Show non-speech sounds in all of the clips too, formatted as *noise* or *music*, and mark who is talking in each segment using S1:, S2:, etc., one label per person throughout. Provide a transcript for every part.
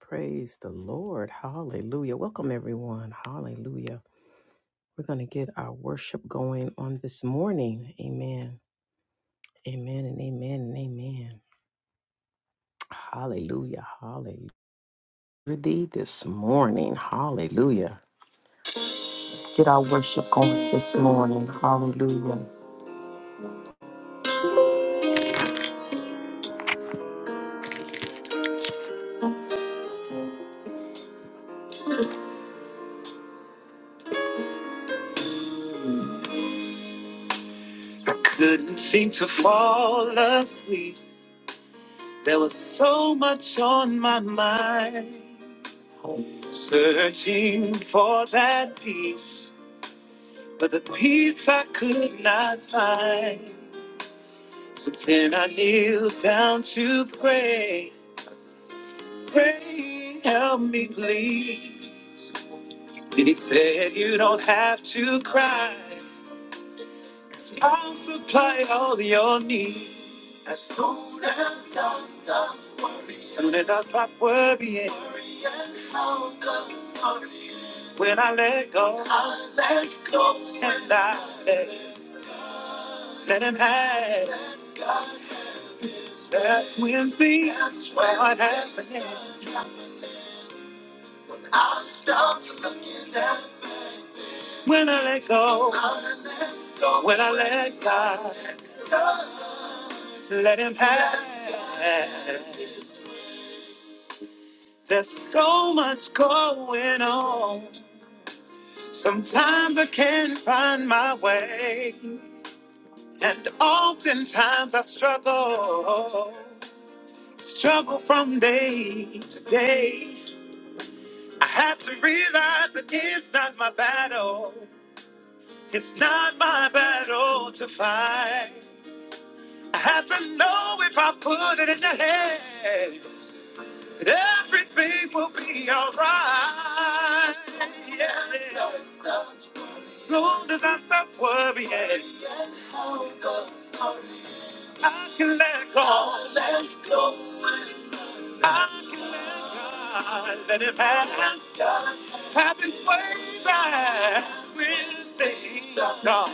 S1: Praise the Lord. Hallelujah. Welcome, everyone. Hallelujah. We're going to get our worship going on this morning. Amen. Amen and amen and amen. Hallelujah. Hallelujah. For Thee this morning. Hallelujah. Let's get our worship going this morning. Hallelujah. I couldn't seem to fall asleep. There was so much on my mind. Searching for that peace But the peace I could not find. So then I kneeled down to pray. Pray, help me please. Then he said, You don't have to cry, i I'll supply all your needs. As soon, soon as I stop worrying, when I let go, and I let, let him have. That's when things start happening. When I let go, when I let God. Let him pass. There's so much going on. Sometimes I can't find my way. And oftentimes I struggle. Struggle from day to day. I have to realize it is not my battle. It's not my battle to fight. I have to know if I put it in the hands Everything will be alright. Yes. Soon as I stop worrying, I can let go. I can let God let it happen. Happens way back when things are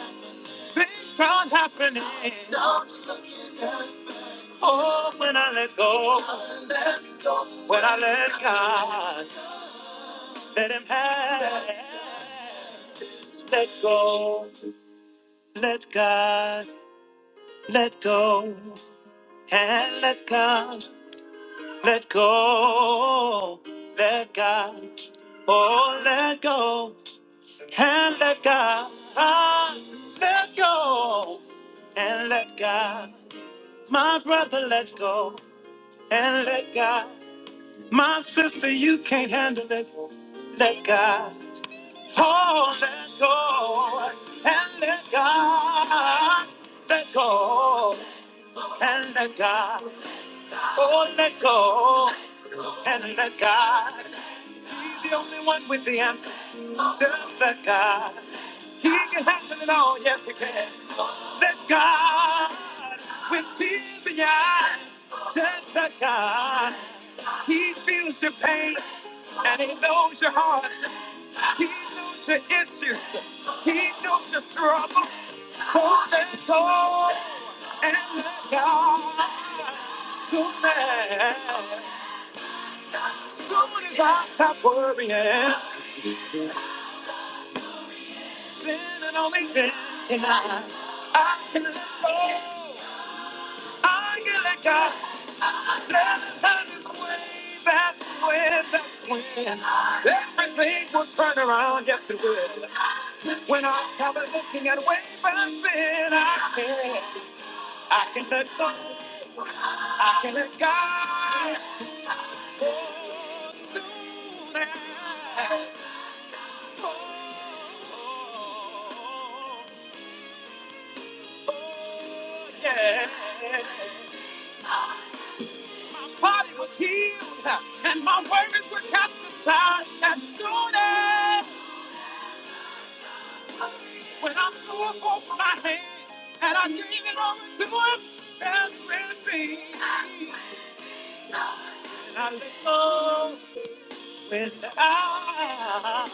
S1: things start happening. Oh, when I let go, when I let God, let Him pass. Let go, let God, let go, and let God, let go, let God, oh, let go, and let God, ah, let go, and let God, my brother, let go, and let God. My sister, you can't handle it. Let God hold that go and let God let go and let God. Oh, let go and let God. He's the only one with the answers. Just let God. He can handle it all. Yes, he can. Let God with tears in your eyes. Just let God. He feels your pain and he knows your heart. He knows your issues. He knows your struggles. So let go and let God. Soon as, soon as I stop worrying, then and only then can I, I can let go. I can let God. Let it have his way. That's when, that's when everything will turn around. Yes, it will. When I started looking at way back then, I can, I can let go, I can let God. Oh, soon as, oh, oh, oh, yeah. My body was healed, and my worries were cast aside. And soon as, when I threw up over my hands, and I gave it over to Him, that's when things. I let go when I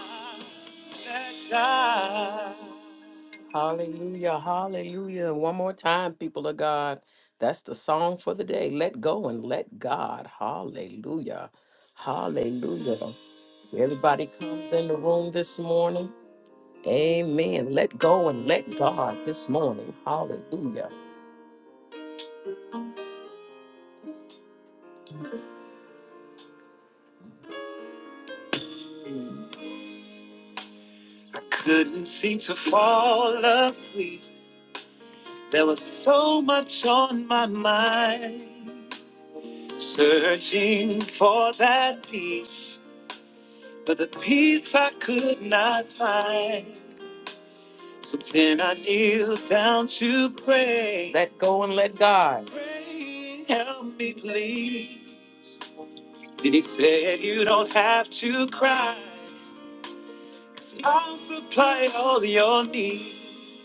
S1: let God. Hallelujah, hallelujah. One more time, people of God. That's the song for the day. Let go and let God. Hallelujah, hallelujah. Everybody comes in the room this morning. Amen. Let go and let God this morning. Hallelujah. I couldn't seem to fall asleep. There was so much on my mind, searching for that peace, but the peace I could not find. So then I kneeled down to pray. Let go and let God. Pray, help me, please. Then he said, You don't have to cry. I'll supply all your needs.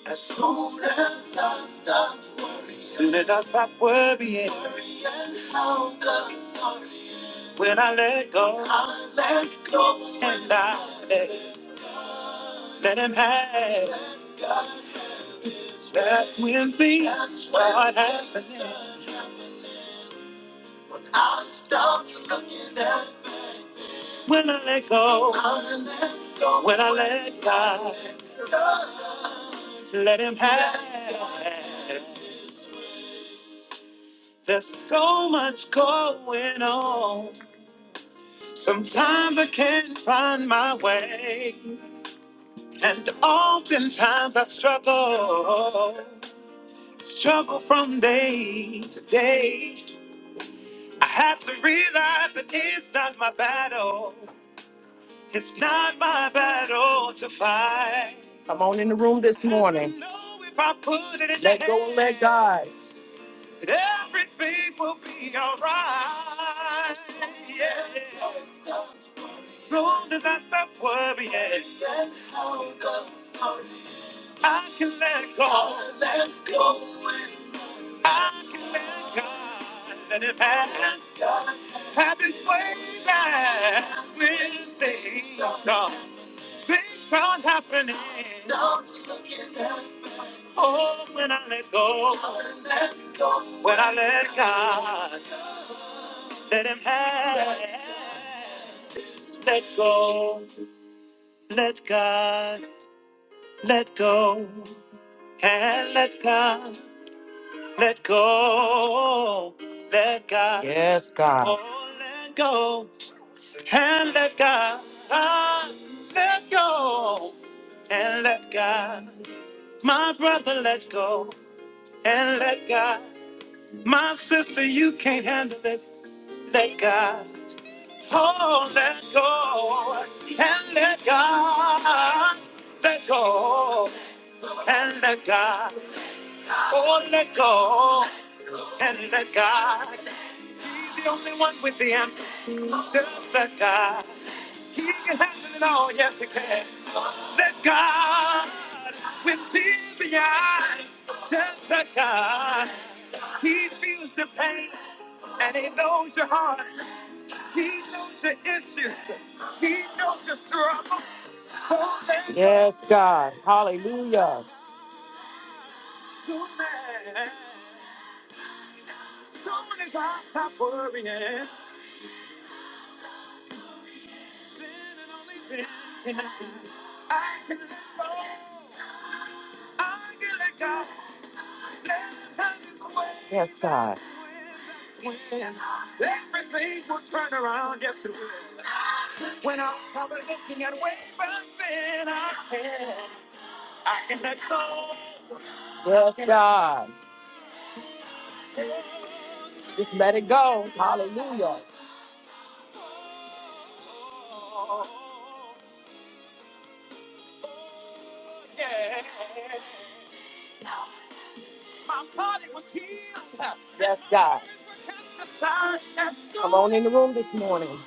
S1: As soon as I start worrying. Soon as I stop worrying. Worrying how the story ends. When I let go. When I let go. And I let, let him have. Let God have his way. That's when things That's when start things happening. start happening. When I start looking at when I let go, when I let God, let Him have. His way. There's so much going on. Sometimes I can't find my way, and oftentimes I struggle, struggle from day to day. I have to realize it is not my battle. It's not my battle to fight. Come on in the room this morning. I know if I put it in Let your go and let God. that Everything will be alright. Yes. Soon as I stop worrying, Then how God started. I can let go. i Let go. and I can let God. Let it pass. Happens way back when things stop. Things are happening. Don't look in that Oh, when I let go. When I let go. When I let God. Let him have. Let go. Let God. Let go. And let God. Let go. Let God. Yes, God. Oh, let go. And let God. Ah, let go. And let God. My brother, let go and let God. My sister, you can't handle it. Let God. Oh, let go and let God. Let go and let God. Oh, let go and let God. He's the only one with the answers. Just let God. He can handle it all. Yes, he can. Let God with tears in your eyes. Just let God. He feels your pain and he knows your heart. He knows your issues. He knows your struggle. So let yes, God. Hallelujah. Soon as, soon as I stop worrying, I can let go. I can let go. Let it his way. Yes, God. when everything will turn around. Yes, it will. When I stop looking at way back then, I can. Yes, God. Just let it go. Oh, yeah. Yes, God. Come on in the room this morning.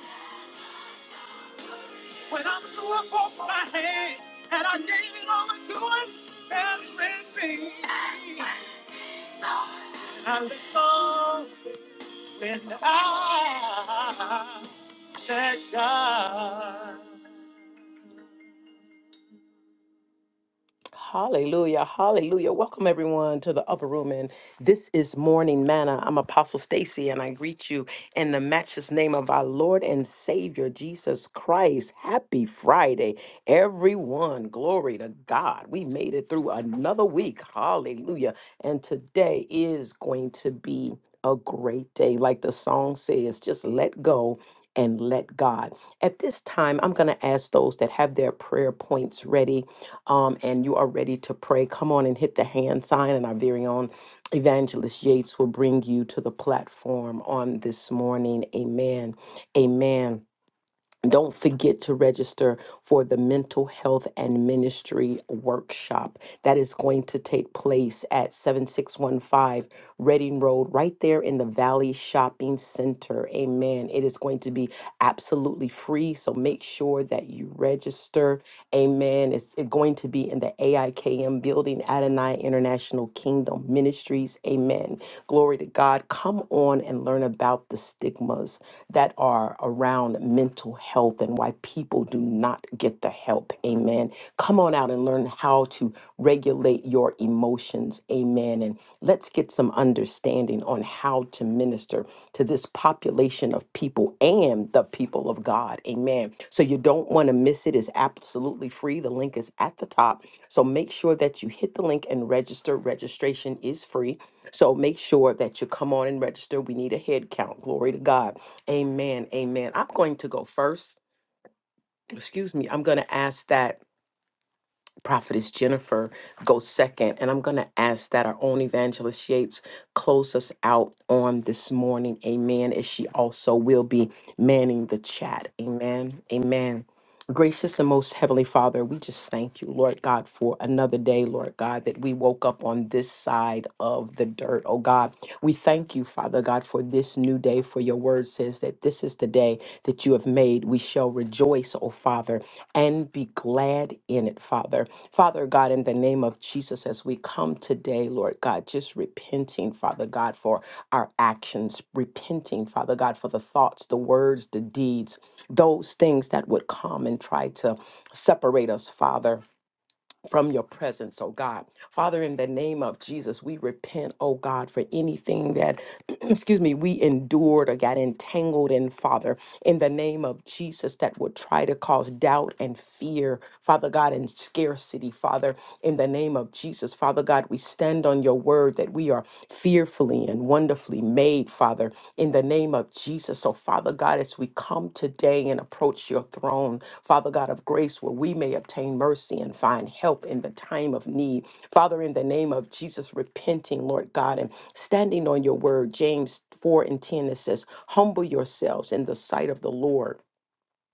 S1: Hallelujah. Hallelujah. Welcome everyone to the upper room and this is morning manna. I'm Apostle Stacy and I greet you in the matchless name of our Lord and Savior Jesus Christ. Happy Friday, everyone. Glory to God. We made it through another week. Hallelujah. And today is going to be a great day. Like the song says, just let go and let God. At this time, I'm going to ask those that have their prayer points ready um, and you are ready to pray, come on and hit the hand sign, and our very own evangelist Yates will bring you to the platform on this morning. Amen. Amen. Don't forget to register for the mental health and ministry workshop that is going to take place at 7615 Reading Road, right there in the Valley Shopping Center. Amen. It is going to be absolutely free, so make sure that you register. Amen. It's it- going to be in the AIKM building, Adonai International Kingdom Ministries. Amen. Glory to God. Come on and learn about the stigmas that are around mental health and why people do not get the help. Amen. Come on out and learn how to regulate your emotions. Amen. And let's get some understanding on how to minister to this population of people and the people of God. Amen. So you don't want to miss it. It's absolutely free. The link is at the top. So make sure that you hit the link and register. Registration is free. So make sure that you come on and register. We need a head count. Glory to God. Amen. Amen. I'm going to go first. Excuse me. I'm going to ask that Prophetess Jennifer go second. And I'm going to ask that our own evangelist Yates close us out on this morning. Amen. As she also will be manning the chat. Amen. Amen. Gracious and most heavenly Father, we just thank you, Lord God, for another day, Lord God, that we woke up on this side of the dirt. Oh God, we thank you, Father God, for this new day, for your word says that this is the day that you have made. We shall rejoice, oh Father, and be glad in it, Father. Father God, in the name of Jesus, as we come today, Lord God, just repenting, Father God, for our actions, repenting, Father God, for the thoughts, the words, the deeds, those things that would come and try to separate us, Father from your presence, oh God. Father, in the name of Jesus, we repent, oh God, for anything that, *clears throat* excuse me, we endured or got entangled in, Father, in the name of Jesus, that would try to cause doubt and fear, Father God, and scarcity, Father, in the name of Jesus. Father God, we stand on your word that we are fearfully and wonderfully made, Father, in the name of Jesus. Jesus. So, Father God, as we come today and approach your throne, Father God of grace, where we may obtain mercy and find help in the time of need. Father, in the name of Jesus, repenting, Lord God, and standing on your word, James 4 and 10, it says, Humble yourselves in the sight of the Lord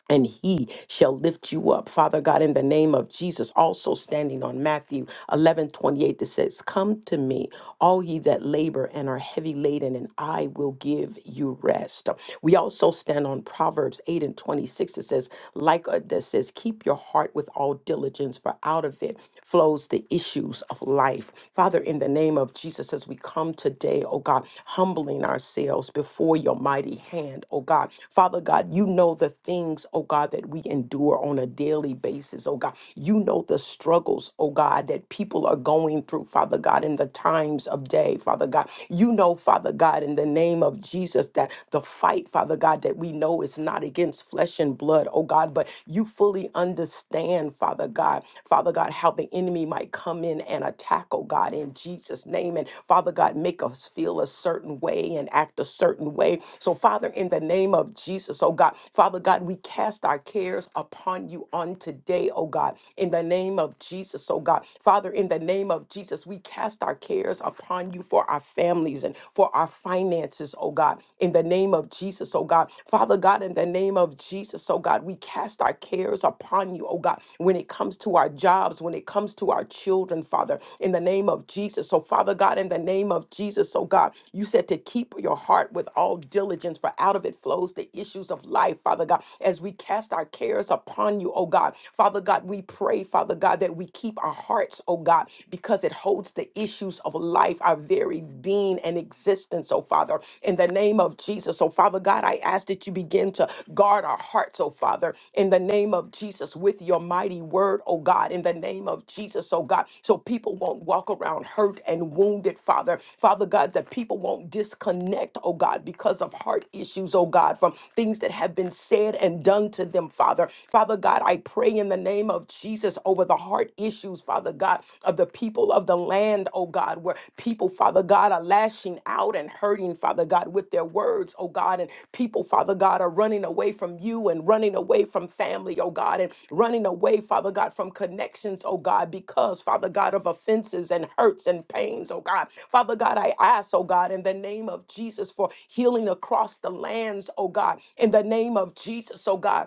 S1: and he shall lift you up. Father God, in the name of Jesus, also standing on Matthew 11 28, that says, Come to me, all ye that labor and are heavy laden, and I will give you rest. We also stand on Proverbs 8 and 26, that says, Like a, that says, Keep your heart with all diligence, for out of it flows the issues of life. Father, in the name of Jesus, as we come today, oh God, humbling ourselves before your mighty hand, oh God. Father God, you know the things, oh oh God, that we endure on a daily basis, oh God. You know the struggles, oh God, that people are going through, Father God, in the times of day, Father God. You know, Father God, in the name of Jesus, that the fight, Father God, that we know is not against flesh and blood, oh God, but you fully understand, Father God, Father God, how the enemy might come in and attack, oh God, in Jesus' name. And Father God, make us feel a certain way and act a certain way. So, Father, in the name of Jesus, oh God, Father God, we cast cast our cares upon you on today, oh God, in the name of Jesus, oh God. Father, in the name of Jesus, we cast our cares upon you for our families and for our finances, oh God, in the name of Jesus, oh God. Father God, in the name of Jesus, oh God, we cast our cares upon you, oh God, when it comes to our jobs, when it comes to our children, Father, in the name of Jesus. So, Father God, in the name of Jesus, oh God, you said to keep your heart with all diligence, for out of it flows the issues of life, Father God, as we cast our cares upon you, oh God. Father God, we pray, Father God, that we keep our hearts, oh God, because it holds the issues of life, our very being and existence, oh Father. In the name of Jesus, oh Father God, I ask that you begin to guard our hearts, oh Father, in the name of Jesus, with your mighty word, oh God, in the name of Jesus, oh God, so people won't walk around hurt and wounded, Father. Father God, that people won't disconnect, oh God, because of heart issues, oh God, from things that have been said and done to unto them, Father. Father God, I pray in the name of Jesus over the heart issues, Father God, of the people of the land, oh God, where people, Father God, are lashing out and hurting, Father God, with their words, oh God, and people, Father God, are running away from you and running away from family, oh God, and running away, Father God, from connections, oh God, because, Father God, of offenses and hurts and pains, oh God. Father God, I ask, oh God, in the name of Jesus for healing across the lands, oh God, in the name of Jesus, oh God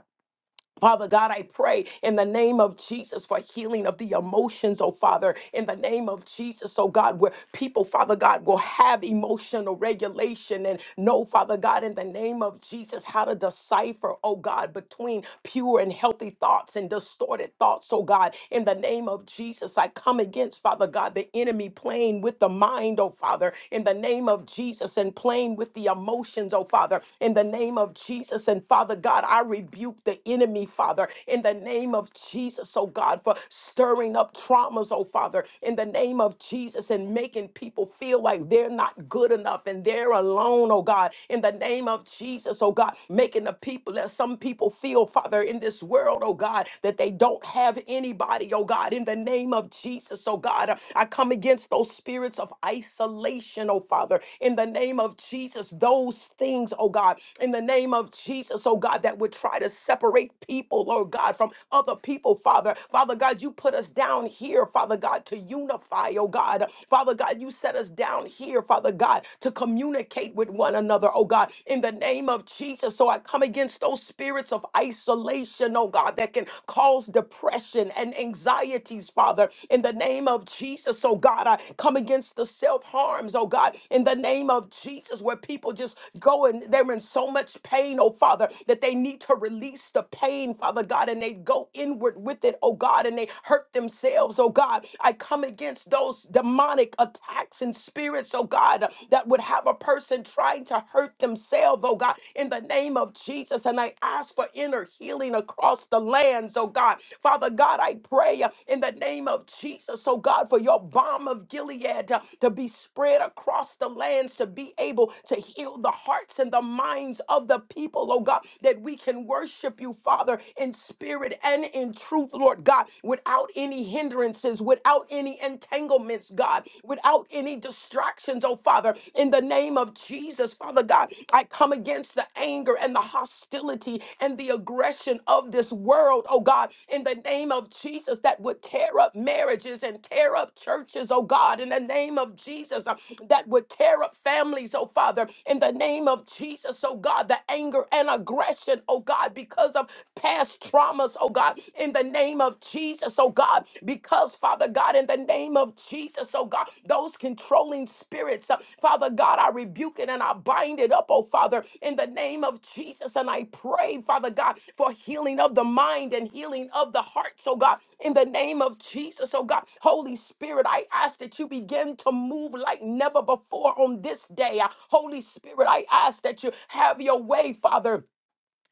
S1: Father God, I pray in the name of Jesus for healing of the emotions, oh Father, in the name of Jesus, oh God, where people, Father God, will have emotional regulation and know, Father God, in the name of Jesus, how to decipher, oh God, between pure and healthy thoughts and distorted thoughts, oh God, in the name of Jesus, I come against, Father God, the enemy playing with the mind, oh Father, in the name of Jesus, and playing with the emotions, oh Father, in the name of Jesus, and Father God, I rebuke the enemy enemy, Father, in the name of Jesus, oh God, for stirring up traumas, oh Father, in the name of Jesus, and making people feel like they're not good enough and they're alone, oh God, in the name of Jesus, oh God, making the people that some people feel, Father, in this world, oh God, that they don't have anybody, oh God, in the name of Jesus, oh God, I come against those spirits of isolation, oh Father, in the name of Jesus, those things, oh God, in the name of Jesus, oh God, that would try to separate separate people, Lord God, from other people, Father. Father God, you put us down here, Father God, to unify, oh God. Father God, you set us down here, Father God, to communicate with one another, oh God, in the name of Jesus. So I come against those spirits of isolation, oh God, that can cause depression and anxieties, Father, in the name of Jesus, oh God. I come against the self harms, oh God, in the name of Jesus, where people just go and they're in so much pain, oh Father, that they need to to release the pain, Father God, and they go inward with it, oh God, and they hurt themselves, oh God. I come against those demonic attacks and spirits, oh God, that would have a person trying to hurt themselves, oh God, in the name of Jesus. And I ask for inner healing across the lands, oh God. Father God, I pray uh, in the name of Jesus, oh God, for your balm of Gilead uh, to be spread across the lands, to be able to heal the hearts and the minds of the people, oh God, that we we can worship you, Father, in spirit and in truth, Lord God, without any hindrances, without any entanglements, God, without any distractions, oh Father, in the name of Jesus, Father God, I come against the anger and the hostility and the aggression of this world, oh God, in the name of Jesus, that would tear up marriages and tear up churches, oh God, in the name of Jesus, uh, that would tear up families, oh Father, in the name of Jesus, oh God, the anger and aggression depression, oh God, because of past traumas, oh God, in the name of Jesus, oh God, because, Father God, in the name of Jesus, oh God, those controlling spirits, uh, Father God, I rebuke it and I bind it up, oh Father, in the name of Jesus, and I pray, Father God, for healing of the mind and healing of the heart, so God, in the name of Jesus, oh God, Holy Spirit, I ask that you begin to move like never before on this day. Uh, Holy Spirit, I ask that you have your way, Father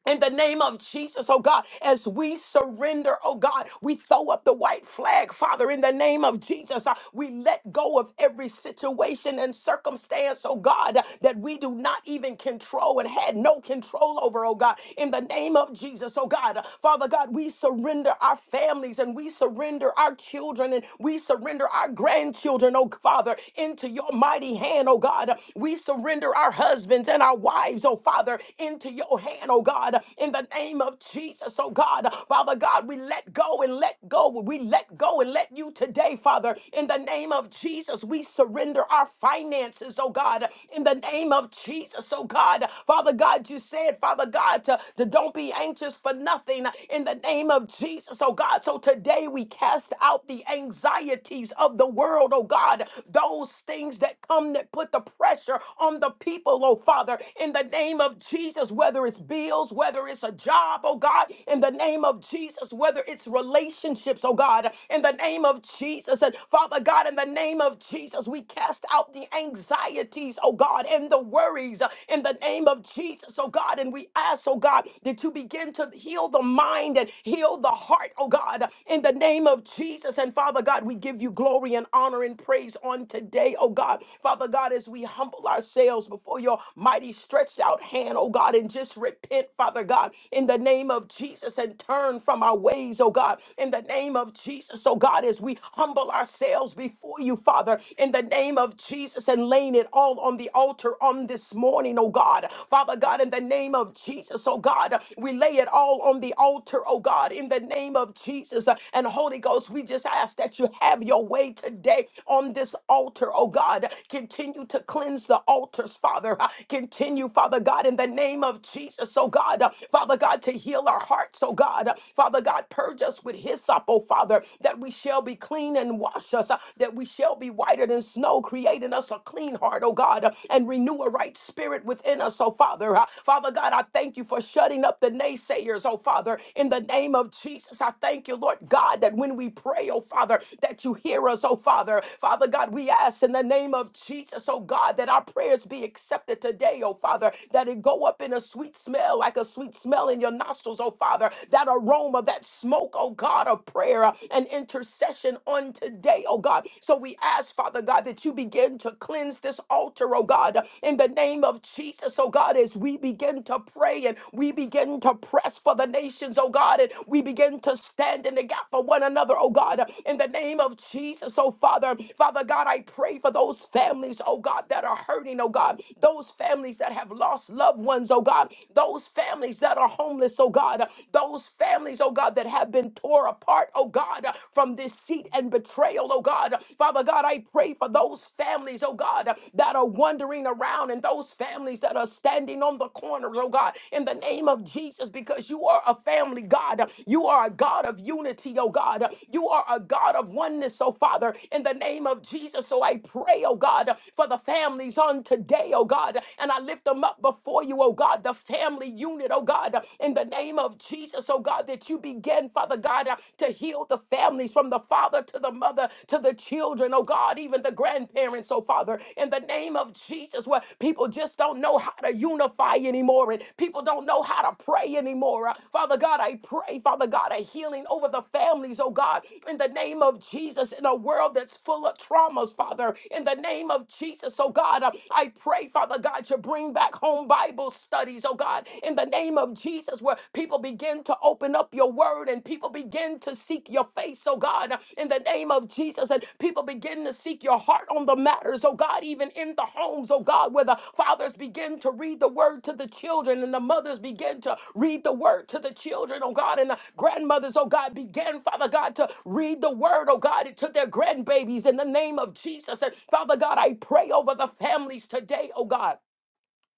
S1: in the name of Jesus, oh God, as we surrender, oh God, we throw up the white flag, Father, in the name of Jesus. Uh, we let go of every situation and circumstance, oh God, uh, that we do not even control and had no control over, oh God, in the name of Jesus, oh God. Uh, Father God, we surrender our families and we surrender our children and we surrender our grandchildren, oh Father, into your mighty hand, oh God. Uh, we surrender our husbands and our wives, oh Father, into your hand, oh oh God, in the name of Jesus, oh God. Father God, we let go and let go. We let go and let you today, Father. In the name of Jesus, we surrender our finances, oh God. In the name of Jesus, oh God. Father God, you said, Father God, to, to don't be anxious for nothing in the name of Jesus, oh God. So today we cast out the anxieties of the world, oh God. Those things that come that put the pressure on the people, oh Father. In the name of Jesus, whether it's it's bills, whether it's a job, oh God, in the name of Jesus, whether it's relationships, oh God, in the name of Jesus. And Father God, in the name of Jesus, we cast out the anxieties, oh God, and the worries uh, in the name of Jesus, oh God. And we ask, oh God, that you begin to heal the mind and heal the heart, oh God, in the name of Jesus. And Father God, we give you glory and honor and praise on today, oh God. Father God, as we humble ourselves before your mighty stretched out hand, oh God, in and just repent, Father God, in the name of Jesus and turn from our ways, oh God, in the name of Jesus, oh God, as we humble ourselves before you, Father, in the name of Jesus and laying it all on the altar on this morning, oh God. Father God, in the name of Jesus, oh God, we lay it all on the altar, oh God, in the name of Jesus. And Holy Ghost, we just ask that you have your way today on this altar, oh God. Continue to cleanse the altars, Father. Continue, Father God, in the name name of Jesus, oh God. Uh, Father God, to heal our hearts, oh God. Uh, Father God, purge us with hyssop, oh Father, that we shall be clean and wash us, uh, that we shall be whiter than snow, create in us a clean heart, oh God, uh, and renew a right spirit within us, oh Father. Uh, Father God, I thank you for shutting up the naysayers, oh Father, in the name of Jesus. I thank you, Lord God, that when we pray, oh Father, that you hear us, oh Father. Father God, we ask in the name of Jesus, oh God, that our prayers be accepted today, oh Father, that it it go up in a sweet smell, like a sweet smell in your nostrils, oh Father. That aroma, that smoke, oh God, of prayer and intercession on today, oh God. So we ask, Father God, that you begin to cleanse this altar, oh God, in the name of Jesus, oh God, as we begin to pray and we begin to press for the nations, oh God, and we begin to stand in the gap for one another, oh God, in the name of Jesus, oh Father. Father God, I pray for those families, oh God, that are hurting, oh God, those families that have lost lost loved ones, oh God, those families that are homeless, oh God, those families, oh God, that have been torn apart, oh God, from deceit and betrayal, oh God. Father God, I pray for those families, oh God, that are wandering around and those families that are standing on the corners, oh God, in the name of Jesus, because you are a family God. You are a God of unity, oh God. You are a God of oneness, oh Father, in the name of Jesus. So I pray, oh God, for the families on today, oh God, and I lift them up before you, oh God, the family unit, oh God, in the name of Jesus, oh God, that you begin, Father God, uh, to heal the families from the father to the mother to the children, oh God, even the grandparents, oh Father, in the name of Jesus, where people just don't know how to unify anymore and people don't know how to pray anymore. Uh, Father God, I pray, Father God, a healing over the families, oh God, in the name of Jesus, in a world that's full of traumas, Father, in the name of Jesus, oh God, uh, I pray, Father God, you bring bring back home Bible studies, oh God, in the name of Jesus, where people begin to open up your word and people begin to seek your face, oh God, in the name of Jesus, and people begin to seek your heart on the matters, oh God, even in the homes, oh God, where the fathers begin to read the word to the children and the mothers begin to read the word to the children, oh God, and the grandmothers, oh God, began, Father God, to read the word, oh God, to their grandbabies in the name of Jesus. And Father God, I pray over the families today, oh God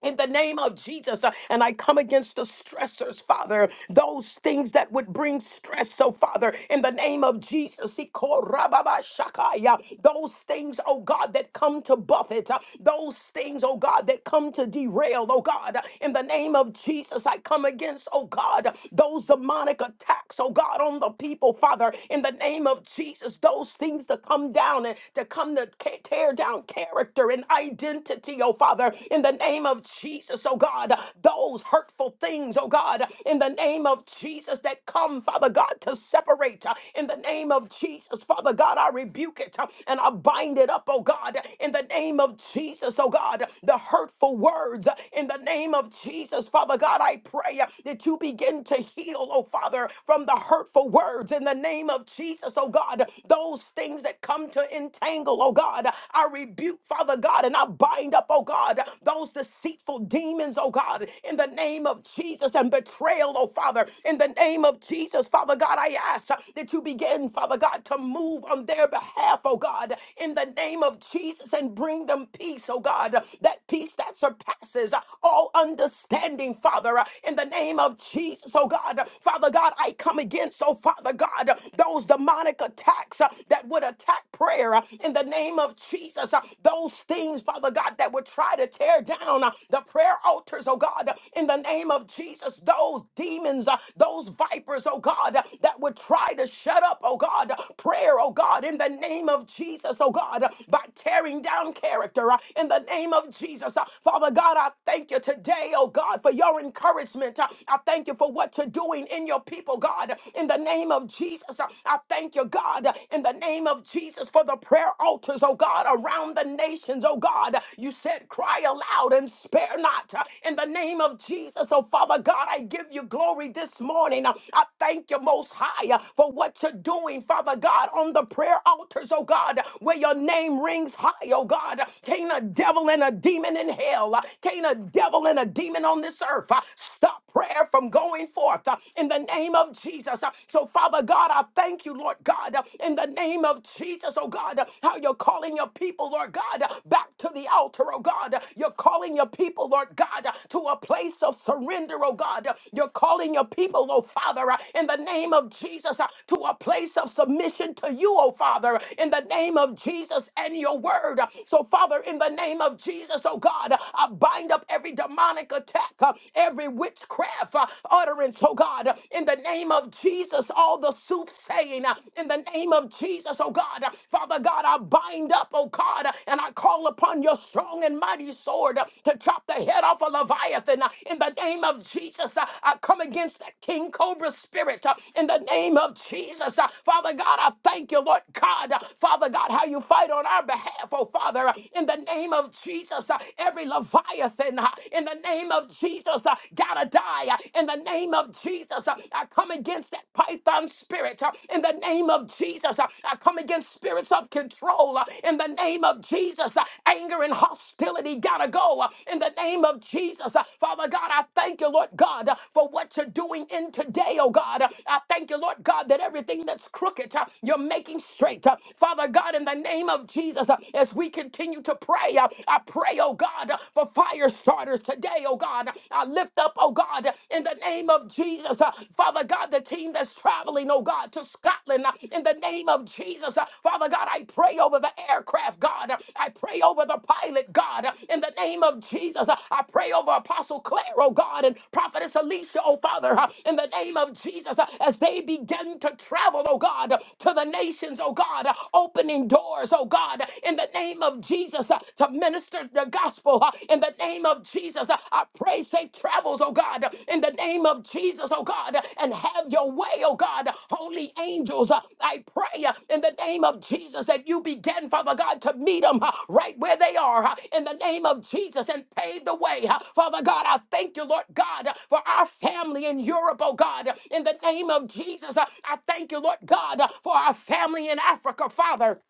S1: in the name of Jesus. uh, And I come against the stressors, Father, those things that would bring stress. So, Father, in the name of Jesus, he called Rababashakaya, those things, oh God, that come to buffet, uh, those things, oh God, that come to derail, oh God, uh, in the name of Jesus, I come against, oh God, uh, those demonic attacks, oh God, on the people, Father, in the name of Jesus, those things to come down and to come to ca- tear down character and identity identity, oh Father, in the name of Jesus, oh God. Those hurtful things, oh God, in the name of Jesus that come, Father God, to separate. uh, In the name of Jesus, Father God, I rebuke it uh, and I bind it up, oh God, in the name of Jesus, oh God. The hurtful words, uh, in the name of Jesus, Father God, I pray uh, that you begin to heal, oh Father, from the hurtful words, in the name of Jesus, oh God. Those things that come to entangle, oh God. God. I rebuke, Father God, and I bind up, oh God, those deceitful demons, oh God, in the name of Jesus and betrayal, oh Father, in the name of Jesus, Father God, I ask that you begin, Father God, to move on their behalf, oh God, in the name of Jesus and bring them peace, oh God, that peace that surpasses all understanding, Father, in the name of Jesus, oh God, Father God, I come against, oh Father God, those demonic attacks that that would attack prayer uh, in the name of Jesus. uh, Those things, Father God, that would try to tear down uh, the prayer altars, oh God, uh, in the name of Jesus. Those demons, uh, those vipers, oh God, uh, that would try to shut up, oh God, uh, prayer, oh God, in the name of Jesus, oh God, uh, by tearing down character, uh, in the name of Jesus. Uh, Father God, I thank you today, oh God, for your encouragement. Uh, I thank you for what you're doing in your people, God, in the name of Jesus. I thank you, God, in the name of Jesus for the prayer altars, oh God, around the nations, oh God. You said, cry aloud and spare not. In the name of Jesus, oh Father God, I give you glory this morning. I thank you most high for what you're doing, Father God, on the prayer altars, oh God, where your name rings high, oh God. Can't a devil and a demon in hell, can't a devil and a demon on this earth stop prayer from going forth in the name name of Jesus. Uh, So, Father God, I thank you, Lord God, uh, in the name of Jesus, oh God, uh, how you're calling your people, Lord God, uh, back to the altar, oh God. Uh, You're calling your people, Lord God, uh, to a place of surrender, oh God. Uh, You're calling your people, oh Father, uh, in the name of Jesus, uh, to a place of submission to you, oh Father, uh, in the name of Jesus and your word. Uh, So, Father, in the name of Jesus, oh God, uh, I bind up every demonic attack, uh, every witchcraft, have uh, utterance, oh God, uh, in the name of Jesus, all the soothsaying, uh, in the name of Jesus, oh God. uh, Father God, I bind up, oh God, uh, and I call upon your strong and mighty sword uh, to chop the head off a Leviathan. uh, In the name of Jesus, uh, I come against that King Cobra spirit. uh, In the name of Jesus, Uh, Father God, I thank you, Lord God. Uh, Father God, how you fight on our behalf, oh Father. Uh, In the name of Jesus, uh, every Leviathan, uh, in the name name of Jesus, uh, gotta die. Uh, In the name of Jesus, uh, I come against that python spirit. Uh, In the name of Jesus, uh, I come against spirits of control. Uh, In the name of Jesus, uh, anger and hostility gotta go. Uh, In the name of Jesus, uh, Father God, I thank you, Lord God, uh, for what you're doing in today, oh God. Uh, I thank you, Lord God, that everything that's crooked, uh, you're making straight. Uh, Father God, in the name of Jesus, uh, as we continue to pray, uh, I pray, oh God. God, for fire starters today, oh God. I lift up, oh God, in the name of Jesus, uh, Father God, the team that's traveling, oh God, to Scotland, uh, in the name of Jesus, uh, Father God, I pray over the aircraft, God. I pray over the pilot, God, in the name of Jesus. Uh, I pray over Apostle Claire, oh God, and Prophetess Alicia, oh Father, uh, in the name of Jesus, uh, as they begin to travel, oh God, to the nations, oh God, uh, opening doors, oh God, in the name of of Jesus uh, to minister the gospel. uh, In the name of Jesus, uh, I pray safe travels, oh God. uh, In the name of Jesus, oh God, uh, and have your way, oh God. Holy angels, uh, I pray uh, in the name of Jesus that you begin, Father God, to meet them uh, right where they are. uh, In the name of Jesus and pave the way. uh, Father God, I thank you, Lord God, uh, for our family in Europe, oh God. In the name of Jesus, uh, I thank you, Lord God, uh, for our family in Africa, Father.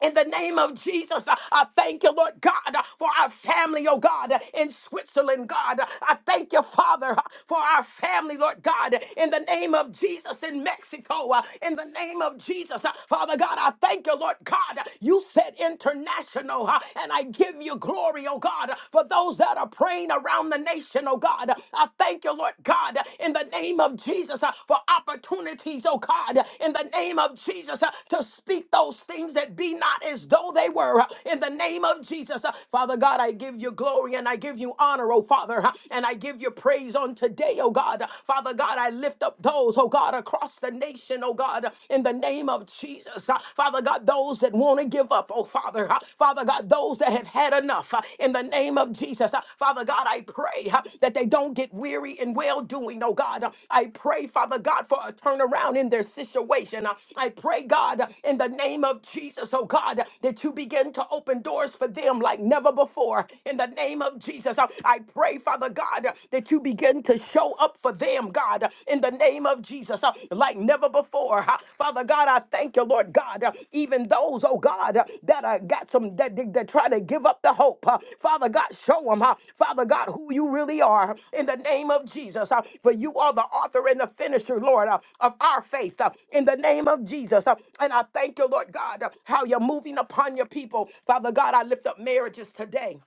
S1: In the name of Jesus, uh, I thank you, Lord God, uh, for our family, oh God, uh, in Switzerland, God. Uh, I thank you, Father, uh, for our family, Lord God, uh, in the name of Jesus in Mexico, uh, in the name of Jesus. Uh, Father God, I thank you, Lord God. uh, You said international, uh, and I give you glory, oh God, uh, for those that are praying around the nation, oh God. Uh, I thank you, Lord God, in the name of Jesus uh, for opportunities, oh God, in the name of Jesus uh, to speak those things that be not as though they were, uh, in the name of Jesus. uh, Father God, I give you glory and I give you honor, oh Father, uh, and I give you praise on today, oh God. Father God, I lift up those, oh God, across the nation, oh God, in the name of Jesus. uh, Father God, those that want to give up, oh Father, uh, Father God. God, those that have had enough uh, in the name of Jesus. Uh, Father God, I pray uh, that they don't get weary in well doing, oh God. Uh, I pray, Father God, for a turnaround in their situation. Uh, I pray, God, uh, in the name of Jesus, oh God, uh, that you begin to open doors for them like never before. In the name of Jesus, uh, I pray, Father God, uh, that you begin to show up for them, God, uh, in the name of Jesus. Jesus, uh, like never before. Uh, Father God, I thank you, Lord God. uh, Even those, oh God, uh, that uh, got some, that, that that try to give up the hope. uh, Father God, show them, uh, Father God, who you really are in the name of Jesus. uh, For you are the author and the finisher, Lord, uh, of our faith uh, in the name of Jesus. uh, And I thank you, Lord God, uh, how you're moving upon your people. Father God, I lift up marriages today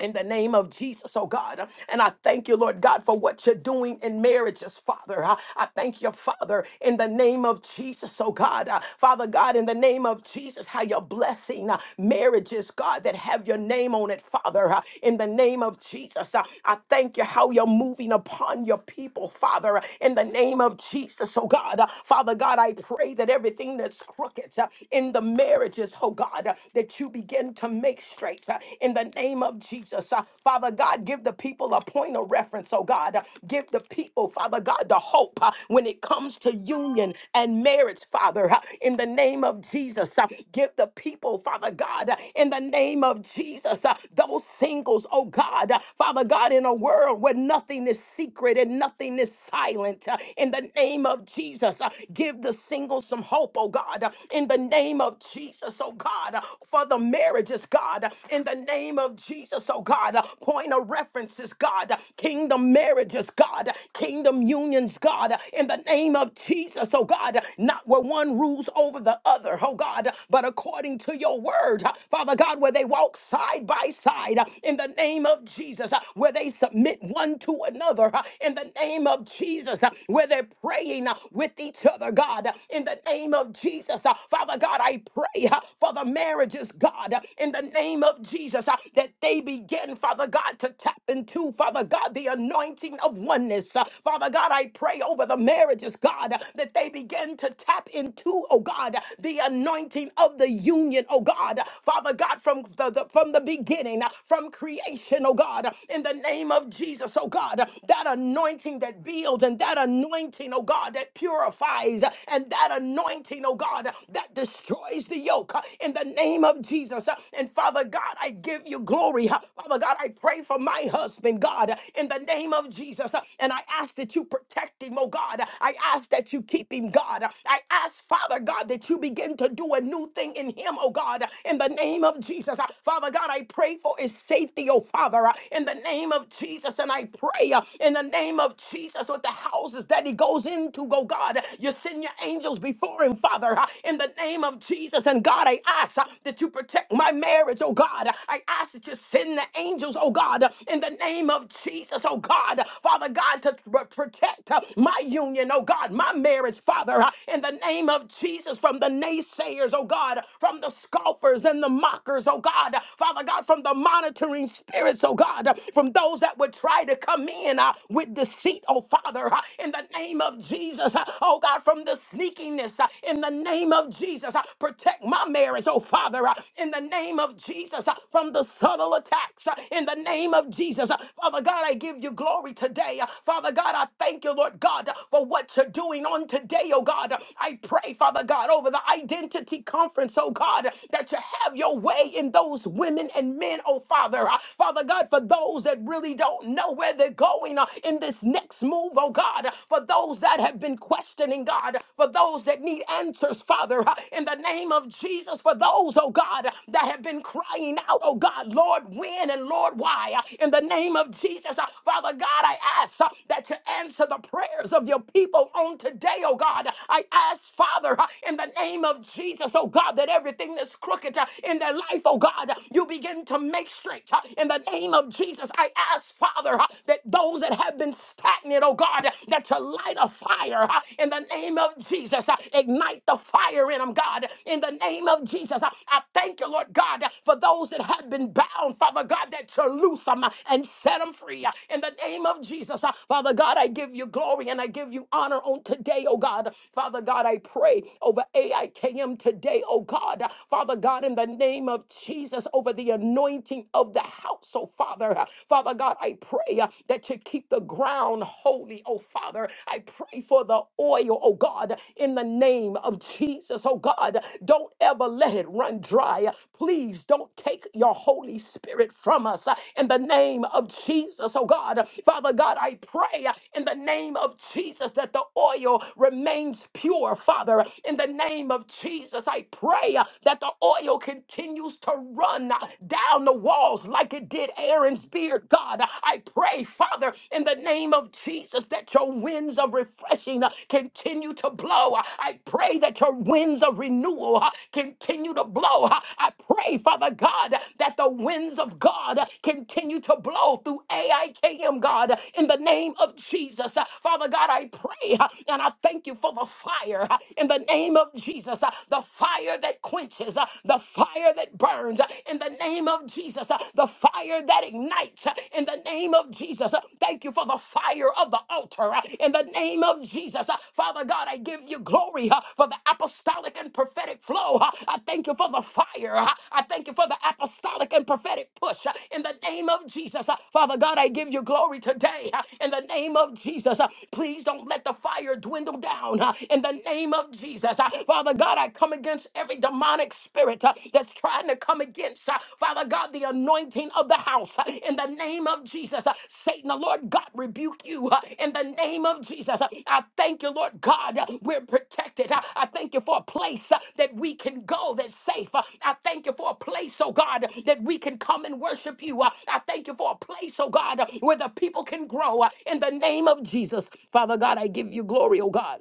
S1: in the name of Jesus, oh God. And I thank you, Lord God, for what you're doing in marriages, Father. I I thank you, Father, in the name of Jesus, oh God. Uh, Father God, in the name of Jesus, how you're blessing uh, marriages, God, that have your name on it, Father. Uh, In the name of Jesus, uh, I thank you how you're moving upon your people, Father. Uh, In the name of Jesus, oh God. Uh, Father God, I pray that everything that's crooked uh, in the marriages, oh God, uh, that you begin to make straight uh, in the name of Jesus. Uh, Father God, give the people a point of reference, oh God. Uh, Give the people, Father God, the hope uh, when it comes to union and marriage, Father, uh, in the name of Jesus. Uh, Give the people, Father God, uh, in the name of Jesus, uh, those singles, oh God, Uh, Father God, in a world where nothing is secret and nothing is silent, uh, in the name of Jesus, uh, give the singles some hope, oh God, Uh, in the name of Jesus, oh God. God, for the marriages, God, in the name of Jesus, oh God. Point of references, God, kingdom marriages, God, kingdom unions, God, in the name of Jesus, oh God. Not where one rules over the other, oh God, but according to your word, Father God, where they walk side by side in the name of Jesus, where they submit one to another in the name of Jesus, where they're praying with each other, God, in the name of Jesus. Father God, I pray uh, for the marriages, God, uh, in the name of Jesus, uh, that they begin, Father God, to tap into, Father God, the anointing of oneness. Uh, Father God, I pray over the marriages, God, uh, that they begin to tap into, oh God, uh, the anointing of the union, oh God. Uh, Father God, from the, the from the beginning, uh, from creation, oh God, uh, in the name of Jesus, oh God, uh, that anointing that builds and that anointing, oh God, that purifies uh, and that anointing, oh God, that destroys the yoke uh, in the name of Jesus. Uh, And Father God, I give you glory. Uh, Father God, I pray for my husband, God, uh, in the name of Jesus. Uh, And I ask that you protect him, oh God. Uh, I ask that you keep him, God. Uh, I ask, Father God, that you begin to do a new thing in him, oh God, uh, in the name of Jesus. Uh, Father God, I pray for his safety, oh Father, uh, in the name of Jesus. And I pray uh, in the name of Jesus with the houses that he goes into him to go, God. You send your angels before him, Father, uh, in the name of Jesus. And God, I ask uh, that you protect my marriage, oh God. I ask that you send the angels, oh God, uh, in the name of Jesus, oh God. Father God, to pr- protect uh, my union, oh God, my marriage, Father, uh, in the name of Jesus, from the naysayers, oh God, from the scoffers and the mockers, oh God. Father God, from the monitoring spirits, oh God, from those that would try to come in uh, with deceit, oh Father, uh, in the name of Jesus. uh, Oh God, from the sneakiness, uh, in the name of Jesus, uh, protect my marriage, oh Father, uh, in the name of Jesus, uh, from the subtle attacks, uh, in the name of Jesus. uh, Father God, I give you glory today. uh, Father God, I thank you, Lord God, uh, for what you're doing on today, oh God. Uh, I pray, Father God, over the identity conference, oh God, uh, that you have your way in those women and men, oh Father. Uh, Father God, for those that really don't know where they they're going uh, in this next move, oh God. uh, For those that have been questioning, God, for those that need answers, Father, uh, in the name of Jesus, for those, oh God, uh, that have been crying out, oh God, Lord, when and Lord, why? Uh, In the name of Jesus, uh, Father God, I ask uh, that you answer the prayers of your people on today, oh God. I ask, Father, uh, in the name of Jesus, oh God, that everything that's crooked uh, in their life, oh God, uh, you begin to make straight. uh, In the name of Jesus, I ask, Father, uh, that those that have been stagnant, oh God, uh, that you light a fire uh, in the name of Jesus. uh, Ignite the fire in them, God, in the name of Jesus. uh, I thank you, Lord God, uh, for those that have been bound, Father God, that you loose them uh, and set them free uh, in the name of Jesus. uh, Father God, I give you glory and I give you honor on today, oh God. Father God, I pray over AIKM today, oh God. Father God, in the name of Jesus, over the anointing anointing of the house, oh Father. Uh, Father God, I pray uh, that you keep the ground holy, oh Father. I pray for the oil, oh God, in the name of Jesus, oh God. Don't ever let it run dry. Please don't take your Holy Spirit from us uh, in the name of Jesus, oh God. Father God, I pray uh, in the name of Jesus that the oil remains pure, Father. In the name of Jesus, I pray uh, that the oil continues continues to run uh, down the walls like it did Aaron's beard, God. Uh, I pray, Father, in the name of Jesus, that your winds of refreshing uh, continue to blow. Uh, I pray that your winds of renewal uh, continue to blow. Uh, I pray, Father God, that the winds of God uh, continue to blow through AIKM, God, uh, in the name of Jesus. Uh, Father God, I pray uh, and I thank you for the fire uh, in the name of Jesus, uh, the fire fire that quenches, uh, the fire that burns uh, in the name of Jesus, uh, the fire that ignites uh, in the name of Jesus. Uh, Thank you for the fire of the altar uh, in the name of Jesus. Uh, Father God, I give you glory uh, for the apostolic and prophetic flow. uh, I thank you for the fire. uh, I thank you for the apostolic and prophetic push uh, in the name of Jesus. Uh, Father God, I give you glory today uh, in the name of Jesus. Uh, Please don't let the fire dwindle down uh, in the name of Jesus. Jesus. Uh, Father God, I come against every demonic spirit uh, that's trying to come against, uh, Father God, the anointing of the house uh, in the name of Jesus. Uh, Satan, the Lord God, rebuke you uh, in the name of Jesus. Uh, I thank you, Lord God, uh, we're protected. Uh, I thank you for a place uh, that we can go that's safe. Uh, I thank you for a place, oh God, that we can come and worship you. Uh, I thank you for a place, oh God, uh, where the people can grow uh, in the name of Jesus. Father God, I give you glory, oh God.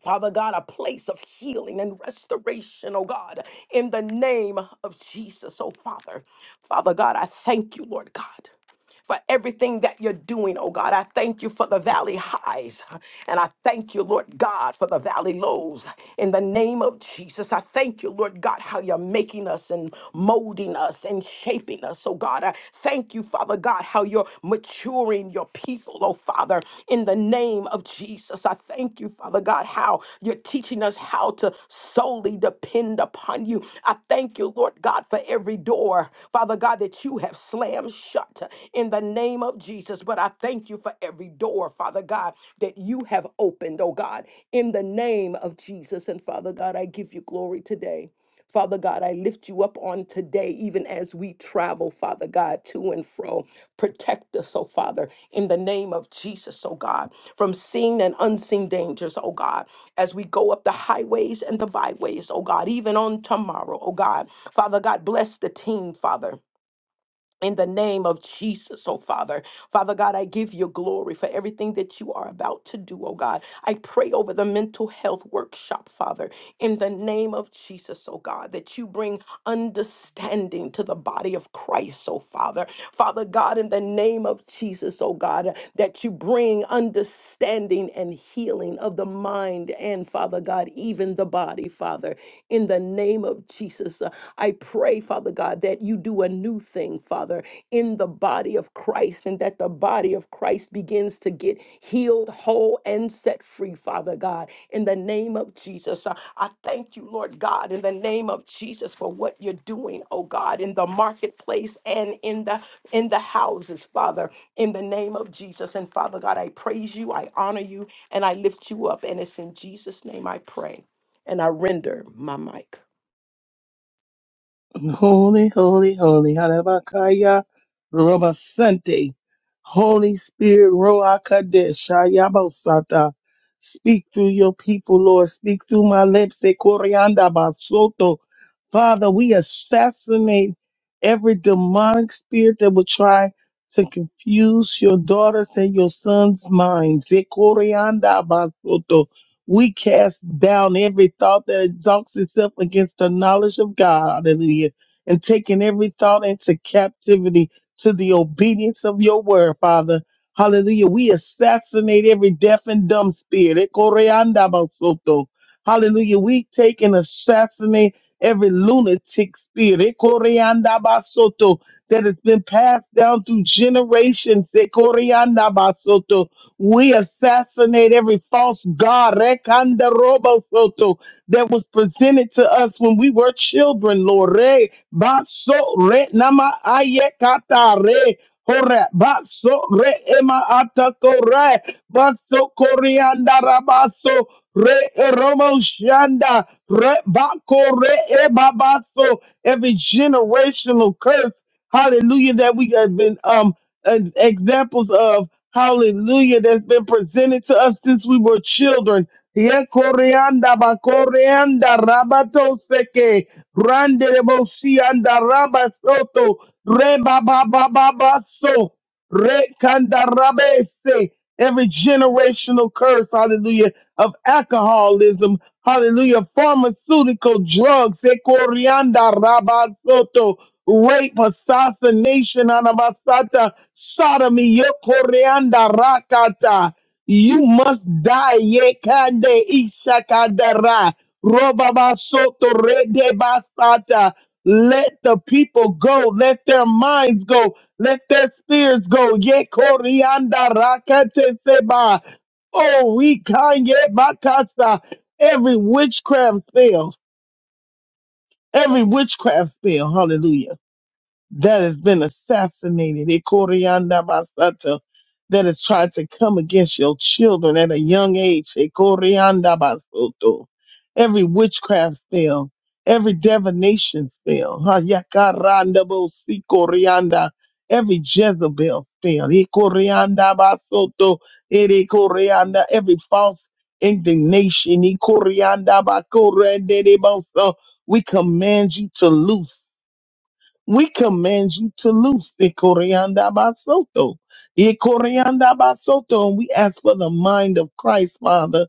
S1: Father God, a place of healing and restoration, oh God, in the name of Jesus, oh Father. Father God, I thank you, Lord God for everything that you're doing, oh God. I thank you for the valley highs. And I thank you, Lord God, for the valley lows. In the name of Jesus, I thank you, Lord God, how you're making us and molding us and shaping us. Oh God, I thank you, Father God, how you're maturing your people, oh Father, in the name of Jesus. I I thank you, Father God, how you're teaching us how to solely depend upon you. I thank you, Lord God, for every door, Father God, that you have slammed shut in the name of Jesus. But I thank you for every door, Father God, that you have opened, oh God, in the name of Jesus. And Father God, I give you glory today. Father God, I lift you up on today, even as we travel, Father God, to and fro. Protect us, oh Father, in the name of Jesus, oh God, from seen and unseen dangers, oh God, as we go up the highways and the byways, oh God, even on tomorrow, oh God. Father God, bless the team, Father in the name of Jesus, oh Father. Father God, I give you glory for everything that you are about to do, oh God. I pray over the mental health workshop, Father, in the name of Jesus, oh God, that you bring understanding to the body of Christ, oh Father. Father God, in the name of Jesus, oh God, that you bring understanding and healing of the mind and, Father God, even the body, Father in the name of Jesus. Uh, I pray, Father God, that you do a new thing, Father, in the body of Christ and that the body of Christ begins to get healed, whole, and set free, Father God, in the name of Jesus. Uh, I thank you, Lord God, in the name of Jesus for what you're doing, oh God, in the marketplace and in the in the houses, Father, in the name of Jesus. And Father God, I praise you, I honor you, and I lift you up. And it's in Jesus' name I pray. And I render my mic.
S2: Holy, holy, holy. Halabakaya Roba Sante. Holy Spirit, Roa Kadesh, Ayabosata. Speak through your people, Lord. Speak through my lips. Ekorianda Basoto. Father, we assassinate every demonic spirit that would try to confuse your daughters and your sons' minds. Ekorianda Basoto. We cast down every thought that exalts itself against the knowledge of God. Hallelujah and taking every thought into captivity to the obedience of your word, Father. Hallelujah. We assassinate every deaf and dumb spirit. Eh, koreanda basoto. Hallelujah. We take and assassinate every lunatic spirit eh, koreanda basoto, that has been passed down through generations. eh, koreanda basoto. We assassinate every false god Rekanda Robo Soto, that was presented to us when we were children, Lord. Re baso re nama ayekata re hora baso re ema atako re baso korianda rabaso re eromo shanda re bako re eba baso every generational curse. Hallelujah, that we have been um uh, examples of hallelujah that's been presented to us since we were children. Ye koreanda ba koreanda rabato seke rande de boshi anda rabasoto reba ba ba ba ba so. Rekandarabese. Every generational curse, hallelujah, of alcoholism, hallelujah, pharmaceutical drugs, Ekorianda rabasoto, rape, assassination, anabasata, sodomy, Yokorianda rakata. You must die, Yekande Ishakandara, Robabasoto Redebasata. Let the people go, let their minds go, let their spears go. Ye corianda rakate seba. Oh, we can ye makasa. Every witchcraft spell. Every witchcraft spell. Hallelujah that has been assassinated, Ikorianda Basata, that has tried to come against your children at a young age, Ikorianda Basoto. Every witchcraft spell, every divination spell, Hayakaranda Bosikorianda, every Jezebel spell, Ikorianda Basoto, Ikorianda, every false indignation, Ikorianda Bakorende Boso. We command you to loose. We command you to loose Ikorianda Basoto. Ikorianda Basoto. And we ask for the mind of Christ, Father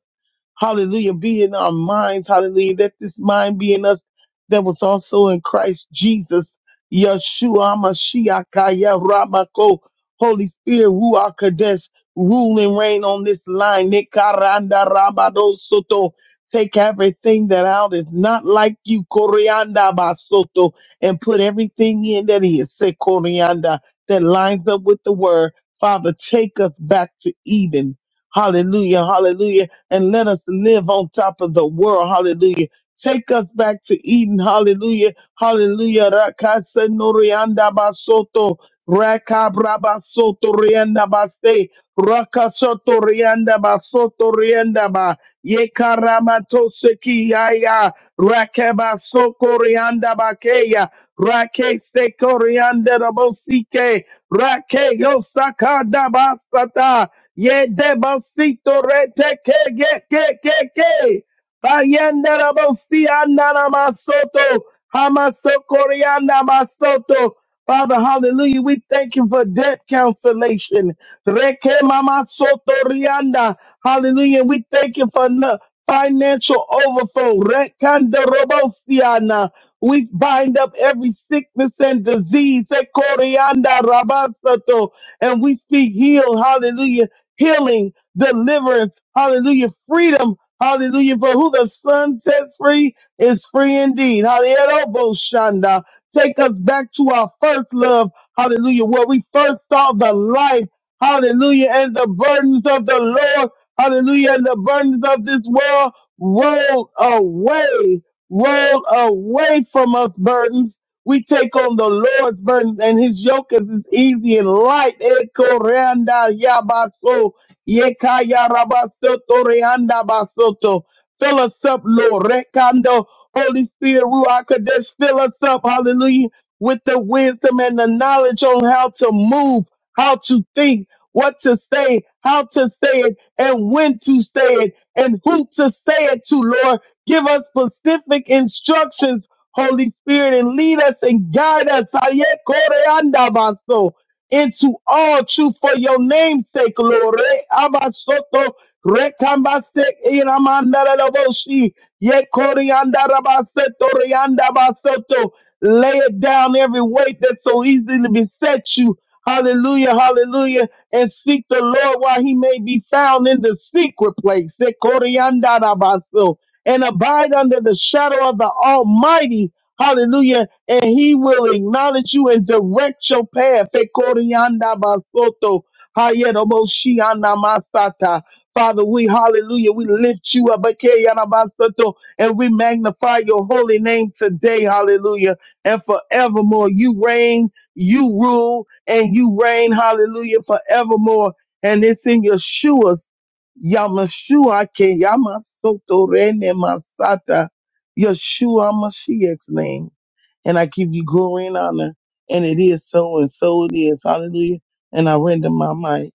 S2: Hallelujah. Be in our minds. Hallelujah. Let this mind be in us that was also in Christ Jesus. Yeshua Mashiach Kaya Ramako. Holy Spirit, Ruach Kadesh, rule and reign on this line. Nikaranda Rabado Soto. Take everything that out is not like you, Corianda Basoto, and put everything in that is, say Corianda, that lines up with the word. Father, take us back to Eden. Hallelujah, hallelujah and let us live on top of the world. Hallelujah. Take us back to Eden. Hallelujah. Hallelujah. Rakase norianda basoto. Rakabra basoto rianda baste. Rakasoto rianda basoto rianda ba. Yekarabatosekiaya, Rakeba Sokorianda Bakeya, Rake Sekorianda Rabosike, Rake Yosakada Basata, Yedebasito Rete Ke Ke Ke Ke Ke, Bayenda Rabosianda Namasoto, Hamasokorianda Masoto. Father, hallelujah, we thank you for debt cancellation. Reke mama soto rianda. Hallelujah. We thank you for no- financial overflow. Rekanda robosiana. We bind up every sickness and disease. Ekorianda rabasato. And we speak heal. Hallelujah. Healing, deliverance. Hallelujah. Freedom. Hallelujah. For who the Son sets free is free indeed. Hallelujah. Roboshanda. Take us back to our first love. Hallelujah. Where we first saw the light. Hallelujah. And the burdens of the Lord. Hallelujah. And the burdens of this world roll away. Roll away from us burdens. We take on the Lord's burdens and his yoke is as easy and light. Eko reanda yabaso. Yekaya rabasoto reanda basoto. Fill us up, Lord. Rekando. Holy Spirit, Ruach Kodesh, fill us up. Hallelujah. With the wisdom and the knowledge on how to move how to think, what to say, how to say it, and when to say it, and who to say it to, Lord. Give us specific instructions, Holy Spirit, and lead us and guide us Aye, kore anda baso, into all truth for your name's sake, Lord. Re abasoto, re kambase, iramanda lalaboshi, ye kore anda rabaseto, re anda basoto. Lay it down every weight that so easily besets you. Hallelujah, hallelujah and seek the Lord while he may be found in the secret place. Sekoriandarabaso. And abide under the shadow of the Almighty. Hallelujah. And he will acknowledge you and direct your path. Sekoriandabasoto. Hayeroboshianamasata. Father, we hallelujah. We lift you up. Ekeyanabasoto. And we magnify your holy name today. Hallelujah. And forevermore, you reign, you rule and you reign, hallelujah, forevermore. And it's in Yeshua's, Yamashua ke Yamasoto Rene Masata, Yeshua Mashiach's name. And I give you glory and honor. And it is so, and so it is. Hallelujah. And I render my mic.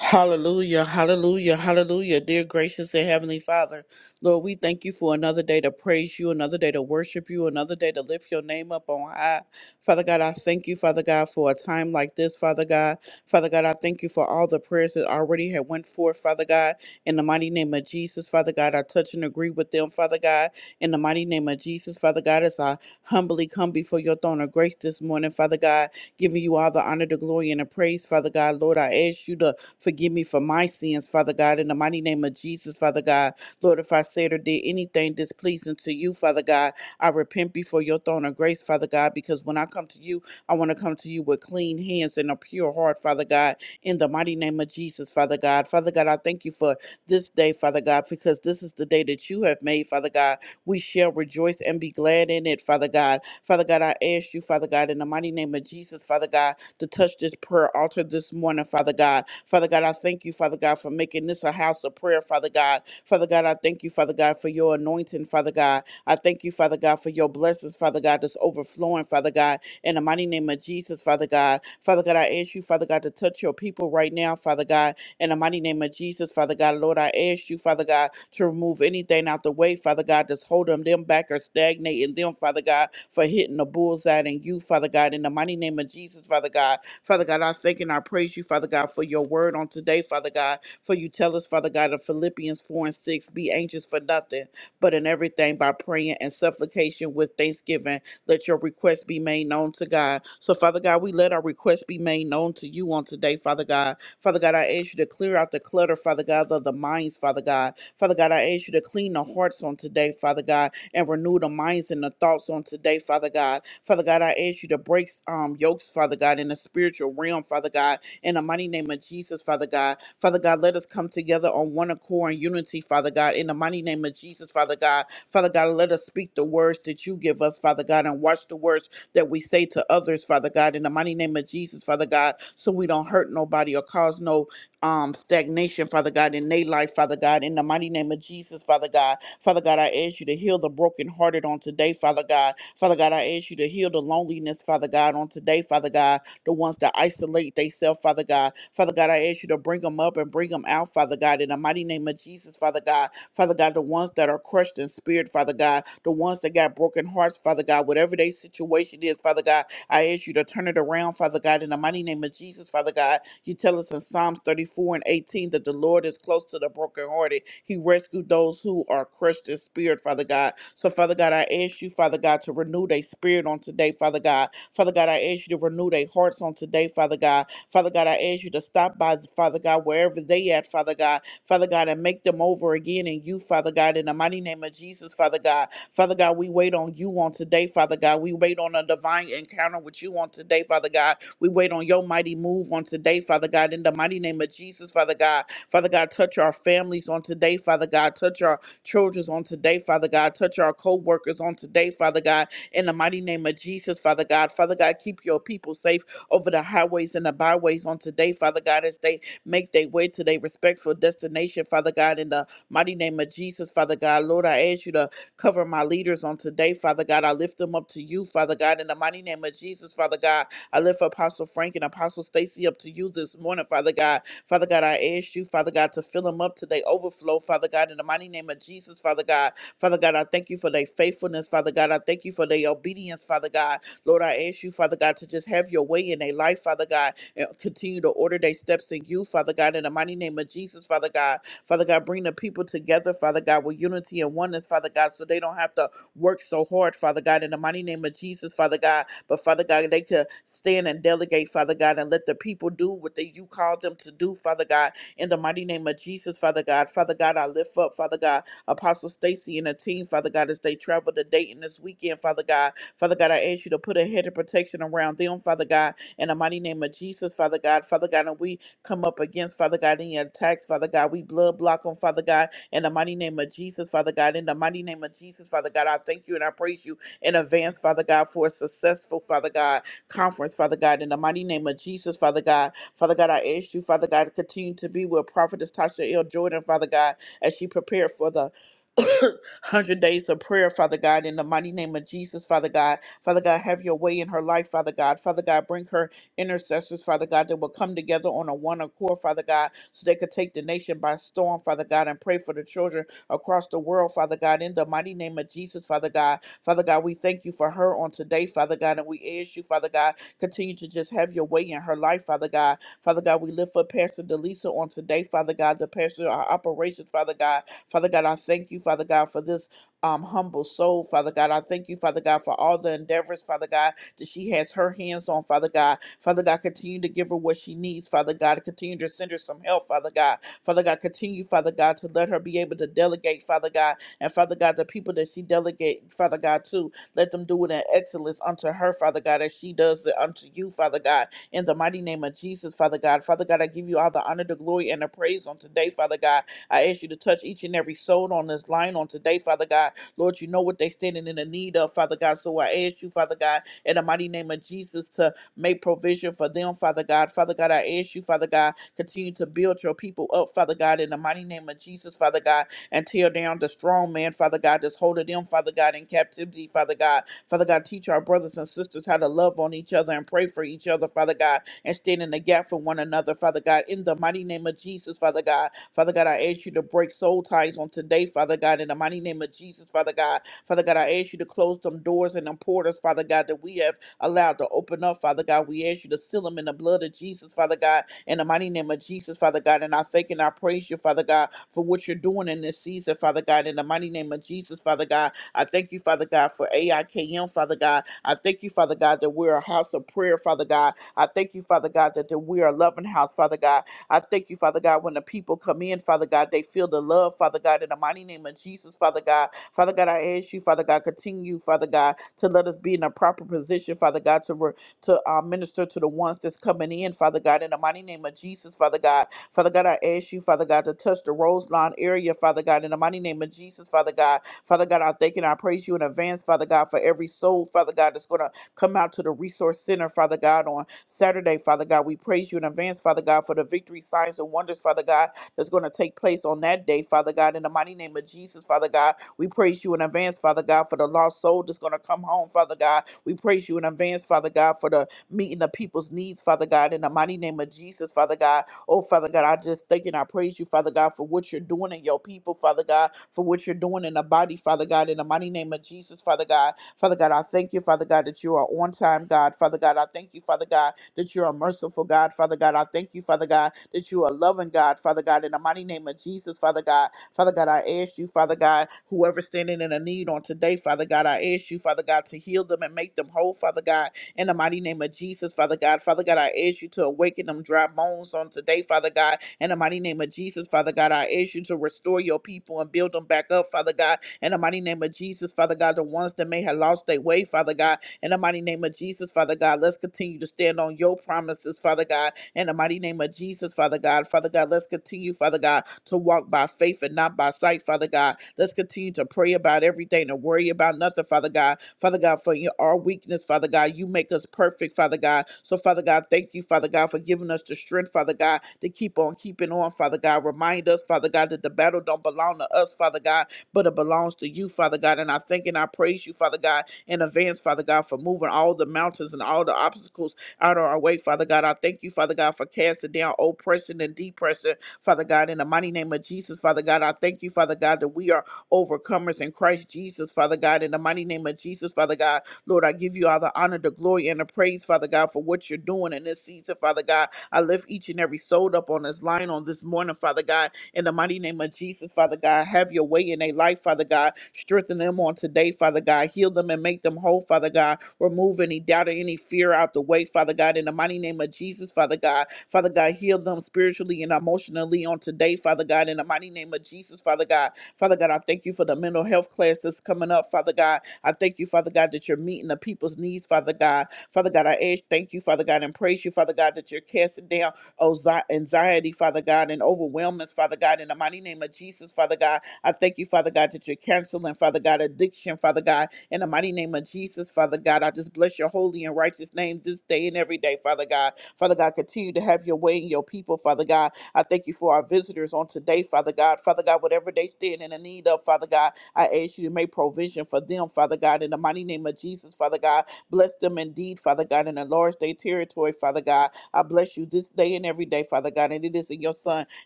S3: Hallelujah, hallelujah, hallelujah. Dear gracious and heavenly Father, Lord, we thank you for another day to praise you, another day to worship you, another day to lift your name up on high. Father God, I thank you, Father God, for a time like this, Father God. Father God, I thank you for all the prayers that already have went forth, Father God. In the mighty name of Jesus, Father God, I touch and agree with them, Father God. In the mighty name of Jesus, Father God, as I humbly come before your throne of grace this morning, Father God, giving you all the honor, the glory, and the praise, Father God. Lord, I ask you to Forgive me for my sins, Father God, in the mighty name of Jesus, Father God. Lord, if I said or did anything displeasing to you, Father God, I repent before your throne of grace, Father God, because when I come to you, I want to come to you with clean hands and a pure heart, Father God, in the mighty name of Jesus, Father God. Father God, I thank you for this day, Father God, because this is the day that you have made, Father God. We shall rejoice and be glad in it, Father God. Father God, I ask you, Father God, in the mighty name of Jesus, Father God, to touch this prayer altar this morning, Father God. Father God, I thank you, Father God, for making this a house of prayer, Father God. Father God, I thank you, Father God, for your anointing, Father God. I thank you, Father God, for your blessings, Father God, that's overflowing, Father God. In the mighty name of Jesus, Father God. Father God, I ask you, Father God, to touch your people right now, Father God. In the mighty name of Jesus, Father God, Lord, I ask you, Father God, to remove anything out the way, Father God, that's holding them back or stagnating them, Father God, for hitting the bullseye and you, Father God. In the mighty name of Jesus, Father God, Father God, I thank and I praise you, Father God, for your word on today, Father God, for you tell us, Father God, in Philippians 4 and 6, be anxious for nothing, but in everything by praying and supplication with thanksgiving, let your request be made known to God. So, Father God, we let our request be made known to you on today, Father God. Father God, I ask you to clear out the clutter, Father God, of the minds, Father God. Father God, I ask you to clean the hearts on today, Father God, and renew the minds and the thoughts on today, Father God. Father God, I ask you to break um, yokes, Father God, in the spiritual realm, Father God, in the mighty name of Jesus, Father God. Father God, let us come together on one accord and unity, Father God, in the mighty name of Jesus, Father God. Father God, let us speak the words that you give us, Father God, and watch the words that we say to others, Father God, in the mighty name of Jesus, Father God, so we don't hurt nobody or cause no um, stagnation, Father God, in their life, Father God, in the mighty name of Jesus, Father God. Father God, I ask you to heal the brokenhearted on today, Father God. Father God, I ask you to heal the loneliness, Father God, on today, Father God. The ones that isolate themselves, Father God. Father God, I ask you to bring them up and bring them out, Father God, in the mighty name of Jesus, Father God. Father God, the ones that are crushed in spirit, Father God, the ones that got broken hearts, Father God, whatever their situation is, Father God, I ask you to turn it around, Father God, in the mighty name of Jesus, Father God. You tell us in Psalms 34 and 18 that the Lord is close to the brokenhearted. He rescued those who are crushed in spirit, Father God. So, Father God, I ask you, Father God, to renew their spirit on today, Father God. Father God, I ask you to renew their hearts on today, Father God. Father God, I ask you to stop by, Father God, wherever they at, Father God, Father God, and make them over again in you, Father God, in the mighty name of Jesus, Father God. Father God, we wait on you on today, Father God. We wait on a divine encounter with you on today, Father God. We wait on your mighty move on today, Father God, in the mighty name of Jesus, Father God. Father God, touch our families on today, Father God. Touch our childrens on today, Father God. Touch our co workers on today, Father God, in the mighty name of Jesus, Father God. Father God, keep your people safe over the highways and the byways on today, Father God, as they make their way to their respectful destination, Father God, in the mighty name of Jesus, Father God. Lord, I ask you to cover my leaders on today, Father God. I lift them up to you, Father God, in the mighty name of Jesus, Father God. I lift Apostle Frank and Apostle Stacy up to you this morning, Father God. Father God, I ask you, Father God, to fill them up to their overflow, Father God, in the mighty name of Jesus, Father God. Father God, I thank you for their faithfulness, Father God. I thank you for their obedience, Father God. Lord, I ask you, Father God, to just have your way in their life, Father God, and continue to order their steps in you, Father God, in the mighty name of Jesus, Father God. Father God, bring the people together, Father God, with unity and oneness, Father God, so they don't have to work so hard, Father God, in the mighty name of Jesus, Father God. But Father God, they could stand and delegate, Father God, and let the people do what they, you called them to do, Father God, in the mighty name of Jesus, Father God. Father God, I lift up, Father God, Apostle Stacy and the team, Father God, as they travel to Dayton this weekend, Father God. Father God, I ask you to put a head of protection around them, Father God, in the mighty name of Jesus, Father God. Father God, and we come up against, Father God, any attacks, Father God. We blood block them, Father God, in the mighty name of Jesus, Father God. In the mighty name of Jesus, Father God, I thank you and I praise you in advance, Father God, for a successful, Father God, conference, Father God. In the mighty name of Jesus, Father God. Father God, I ask you, Father God, to continue to be with Prophetess Tasha L. Jordan, Father God, as she prepared for the *coughs* 100 days of prayer, Father God, in the mighty name of Jesus, Father God. Father God, have your way in her life, Father God. Father God, bring her intercessors, Father God, that will come together on a one accord, Father God, so they could take the nation by storm, Father God, and pray for the children across the world, Father God, in the mighty name of Jesus, Father God. Father God, we thank you for her on today, Father God, and we ask you, Father God, continue to just have your way in her life, Father God. Father God, we lift up Pastor Delisa on today, Father God, the pastor of our operations, Father God. Father God, I thank you, Father God, for this um, humble soul, Father God. I thank you, Father God, for all the endeavors, Father God, that she has her hands on, Father God. Father God, continue to give her what she needs, Father God. Continue to send her some help, Father God. Father God, continue, Father God, to let her be able to delegate, Father God. And Father God, the people that she delegate, Father God, to, let them do it in excellence unto her, Father God, as she does it unto you, Father God. In the mighty name of Jesus, Father God. Father God, I give you all the honor, the glory, and the praise on today, Father God. I ask you to touch each and every soul on this line on today, Father God. Lord, you know what they're standing in the need of, Father God. So I ask you, Father God, in the mighty name of Jesus, to make provision for them, Father God. Father God, I ask you, Father God, continue to build your people up, Father God, in the mighty name of Jesus, Father God, and tear down the strong man, Father God, that's holding them, Father God, in captivity, Father God. Father God, teach our brothers and sisters how to love on each other and pray for each other, Father God and stand in the gap for one another, Father God. In the mighty name of Jesus, Father God. Father God, I ask you to break soul ties on today, Father God. In the mighty name of Jesus, Father God. Father God, I ask you to close them doors and them portals, Father God, that we have allowed to open up, Father God. We ask you to seal them in the blood of Jesus, Father God, in the mighty name of Jesus, Father God. And I thank and I praise you, Father God, for what you're doing in this season, Father God, in the mighty name of Jesus, Father God. I thank you, Father God, for AIKM, Father God. I thank you, Father God, that we're a house of prayer, Father God. I thank you, Father God, that that we are a loving house, Father God. I thank you, Father God, when the people come in, Father God, they feel the love, Father God, in the mighty name of Jesus, Father God. Father God, I ask you, Father God, continue, Father God, to let us be in a proper position, Father God, to re- to uh, minister to the ones that's coming in, Father God, in the mighty name of Jesus, Father God. Father God, I ask you, Father God, to touch the Roselawn area, Father God, in the mighty name of Jesus, Father God. Father God, I thank and I praise you in advance, Father God, for every soul, Father God, that's going to come out to the resource center, Father God, on Saturday, Father God. We praise you in advance, Father God, for the victory, signs, and wonders, Father God, that's going to take place on that day, Father God. In the mighty name of Jesus, Father God, we praise you in advance, Father God, for the lost soul that's going to come home, Father God. We praise you in advance, Father God, for the meeting the people's needs, Father God. In the mighty name of Jesus, Father God. Oh, Father God, I just thank and I praise you, Father God, for what you're doing in your people, Father God, for what you're doing in the body, Father God. In the mighty name of Jesus, Father God. Father God, I thank you, Father God, that you are on time, God. Father God, I thank you, Father God, that you are merciful, God. Father God, I thank you, Father God, that you are loving, God. Father God, in the mighty name of Jesus, Father God. Father God, I ask you, Father God, whoever's standing in a need on today, Father God, I ask you, Father God, to heal them and make them whole, Father God in the mighty name of Jesus, Father God. Father God, I ask you to awaken them dry bones on today, Father God. In the mighty name of Jesus, Father God, I ask you to restore your people and build them back up, Father God. In the mighty name of Jesus, Father God, the ones that may have lost their way, Father God. In the mighty name of Jesus, Father God, let's continue to stand on your promises, Father God. In the mighty name of Jesus, Father God, Father God, let's continue, Father God, to walk by faith and not by sight, Father God. Let's continue to pray about everything, to worry about nothing, Father God. Father God, for your, our weakness, Father God, you make us perfect, Father God. So, Father God, thank you, Father God, for giving us the strength, Father God, to keep on keeping on, Father God. Remind us, Father God, that the battle don't belong to us, Father God, but it belongs to you, Father God. And I thank and I praise you, Father God, in advance, Father God, for moving all the mountains and all the obstacles out of our way, Father God. I thank you, Father God, for casting down oppression and depression, Father God, in the mighty name of Jesus, Father God. I thank you, Father God, that we are overcomers in Christ Jesus, Father God. In the mighty name of Jesus, Father God, Lord, I give you all the honor, the glory, and the praise, Father God, for what you're doing in this season, Father God. I lift each and every soul up on this line on this morning, Father God. In the mighty name of Jesus, Father God, have your way in their life, Father God. Strengthen them on today, Father God. Heal them and make them whole, Father God. Remove any doubt or any fear out the way, Father God. In the mighty name of Jesus, Father God. Father God, heal them spiritually and emotionally on today, Father God. In the mighty name of Jesus, Father God. Father God, I thank you for the mental health class that's coming up, Father God. I thank you, Father God, that you're meeting the people's needs, Father God. Father God, I ask, thank you, Father God, and praise you, Father God, that you're casting down oh, anxiety, Father God, and overwhelmness, Father God, in the mighty name of Jesus, Father God. I thank you, Father God, that you're canceling, Father God, addiction, Father God, in the mighty name of Jesus, Father God. I just bless your holy and righteous name this day and every day, Father God. Father God, continue to have your way in your people, Father God. I thank you for our visitors on today, Father God. Father God, whatever they stand in the need of, Father God, I ask you to make provision for them, Father God, in the mighty name of Jesus, Father God. Bless them indeed, Father God, and enlarge their territory, Father God. I bless you this day and every day, Father God, and it is in your Son,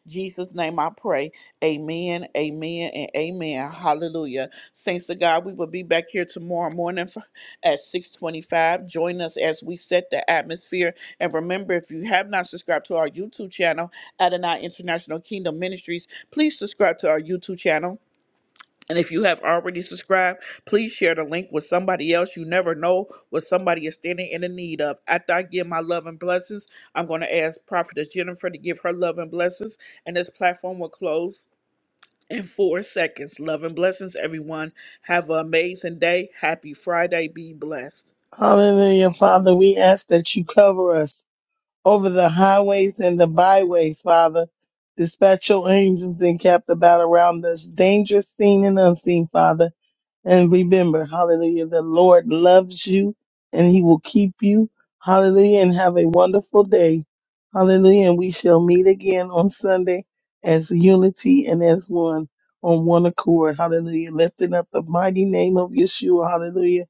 S3: Jesus' name I pray. Amen, amen, and amen. Hallelujah. Saints of God, we will be back here tomorrow morning f- at 625. Join us as we set the atmosphere. And remember, if you have not subscribed to our YouTube channel, Adonai International Kingdom Ministries, please subscribe to our YouTube channel. And if you have already subscribed, please share the link with somebody else. You never know what somebody is standing in the need of. After I give my love and blessings, I'm going to ask Prophetess Jennifer to give her love and blessings, and this platform will close in four seconds. Love and blessings, everyone. Have an amazing day. Happy Friday. Be blessed.
S2: Hallelujah, Father. We ask that you cover us over the highways and the byways, Father. Dispatch your angels and cap the battle around us, dangerous seen and unseen, Father. And remember, hallelujah, the Lord loves you and he will keep you. Hallelujah, and have a wonderful day. Hallelujah, and we shall meet again on Sunday as unity and as one on one accord. Hallelujah, lifting up the mighty name of Yeshua. Hallelujah.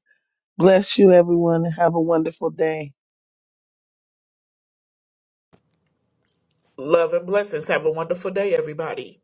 S2: Bless you, everyone, and have a wonderful day.
S3: Love and blessings. Have a wonderful day, everybody.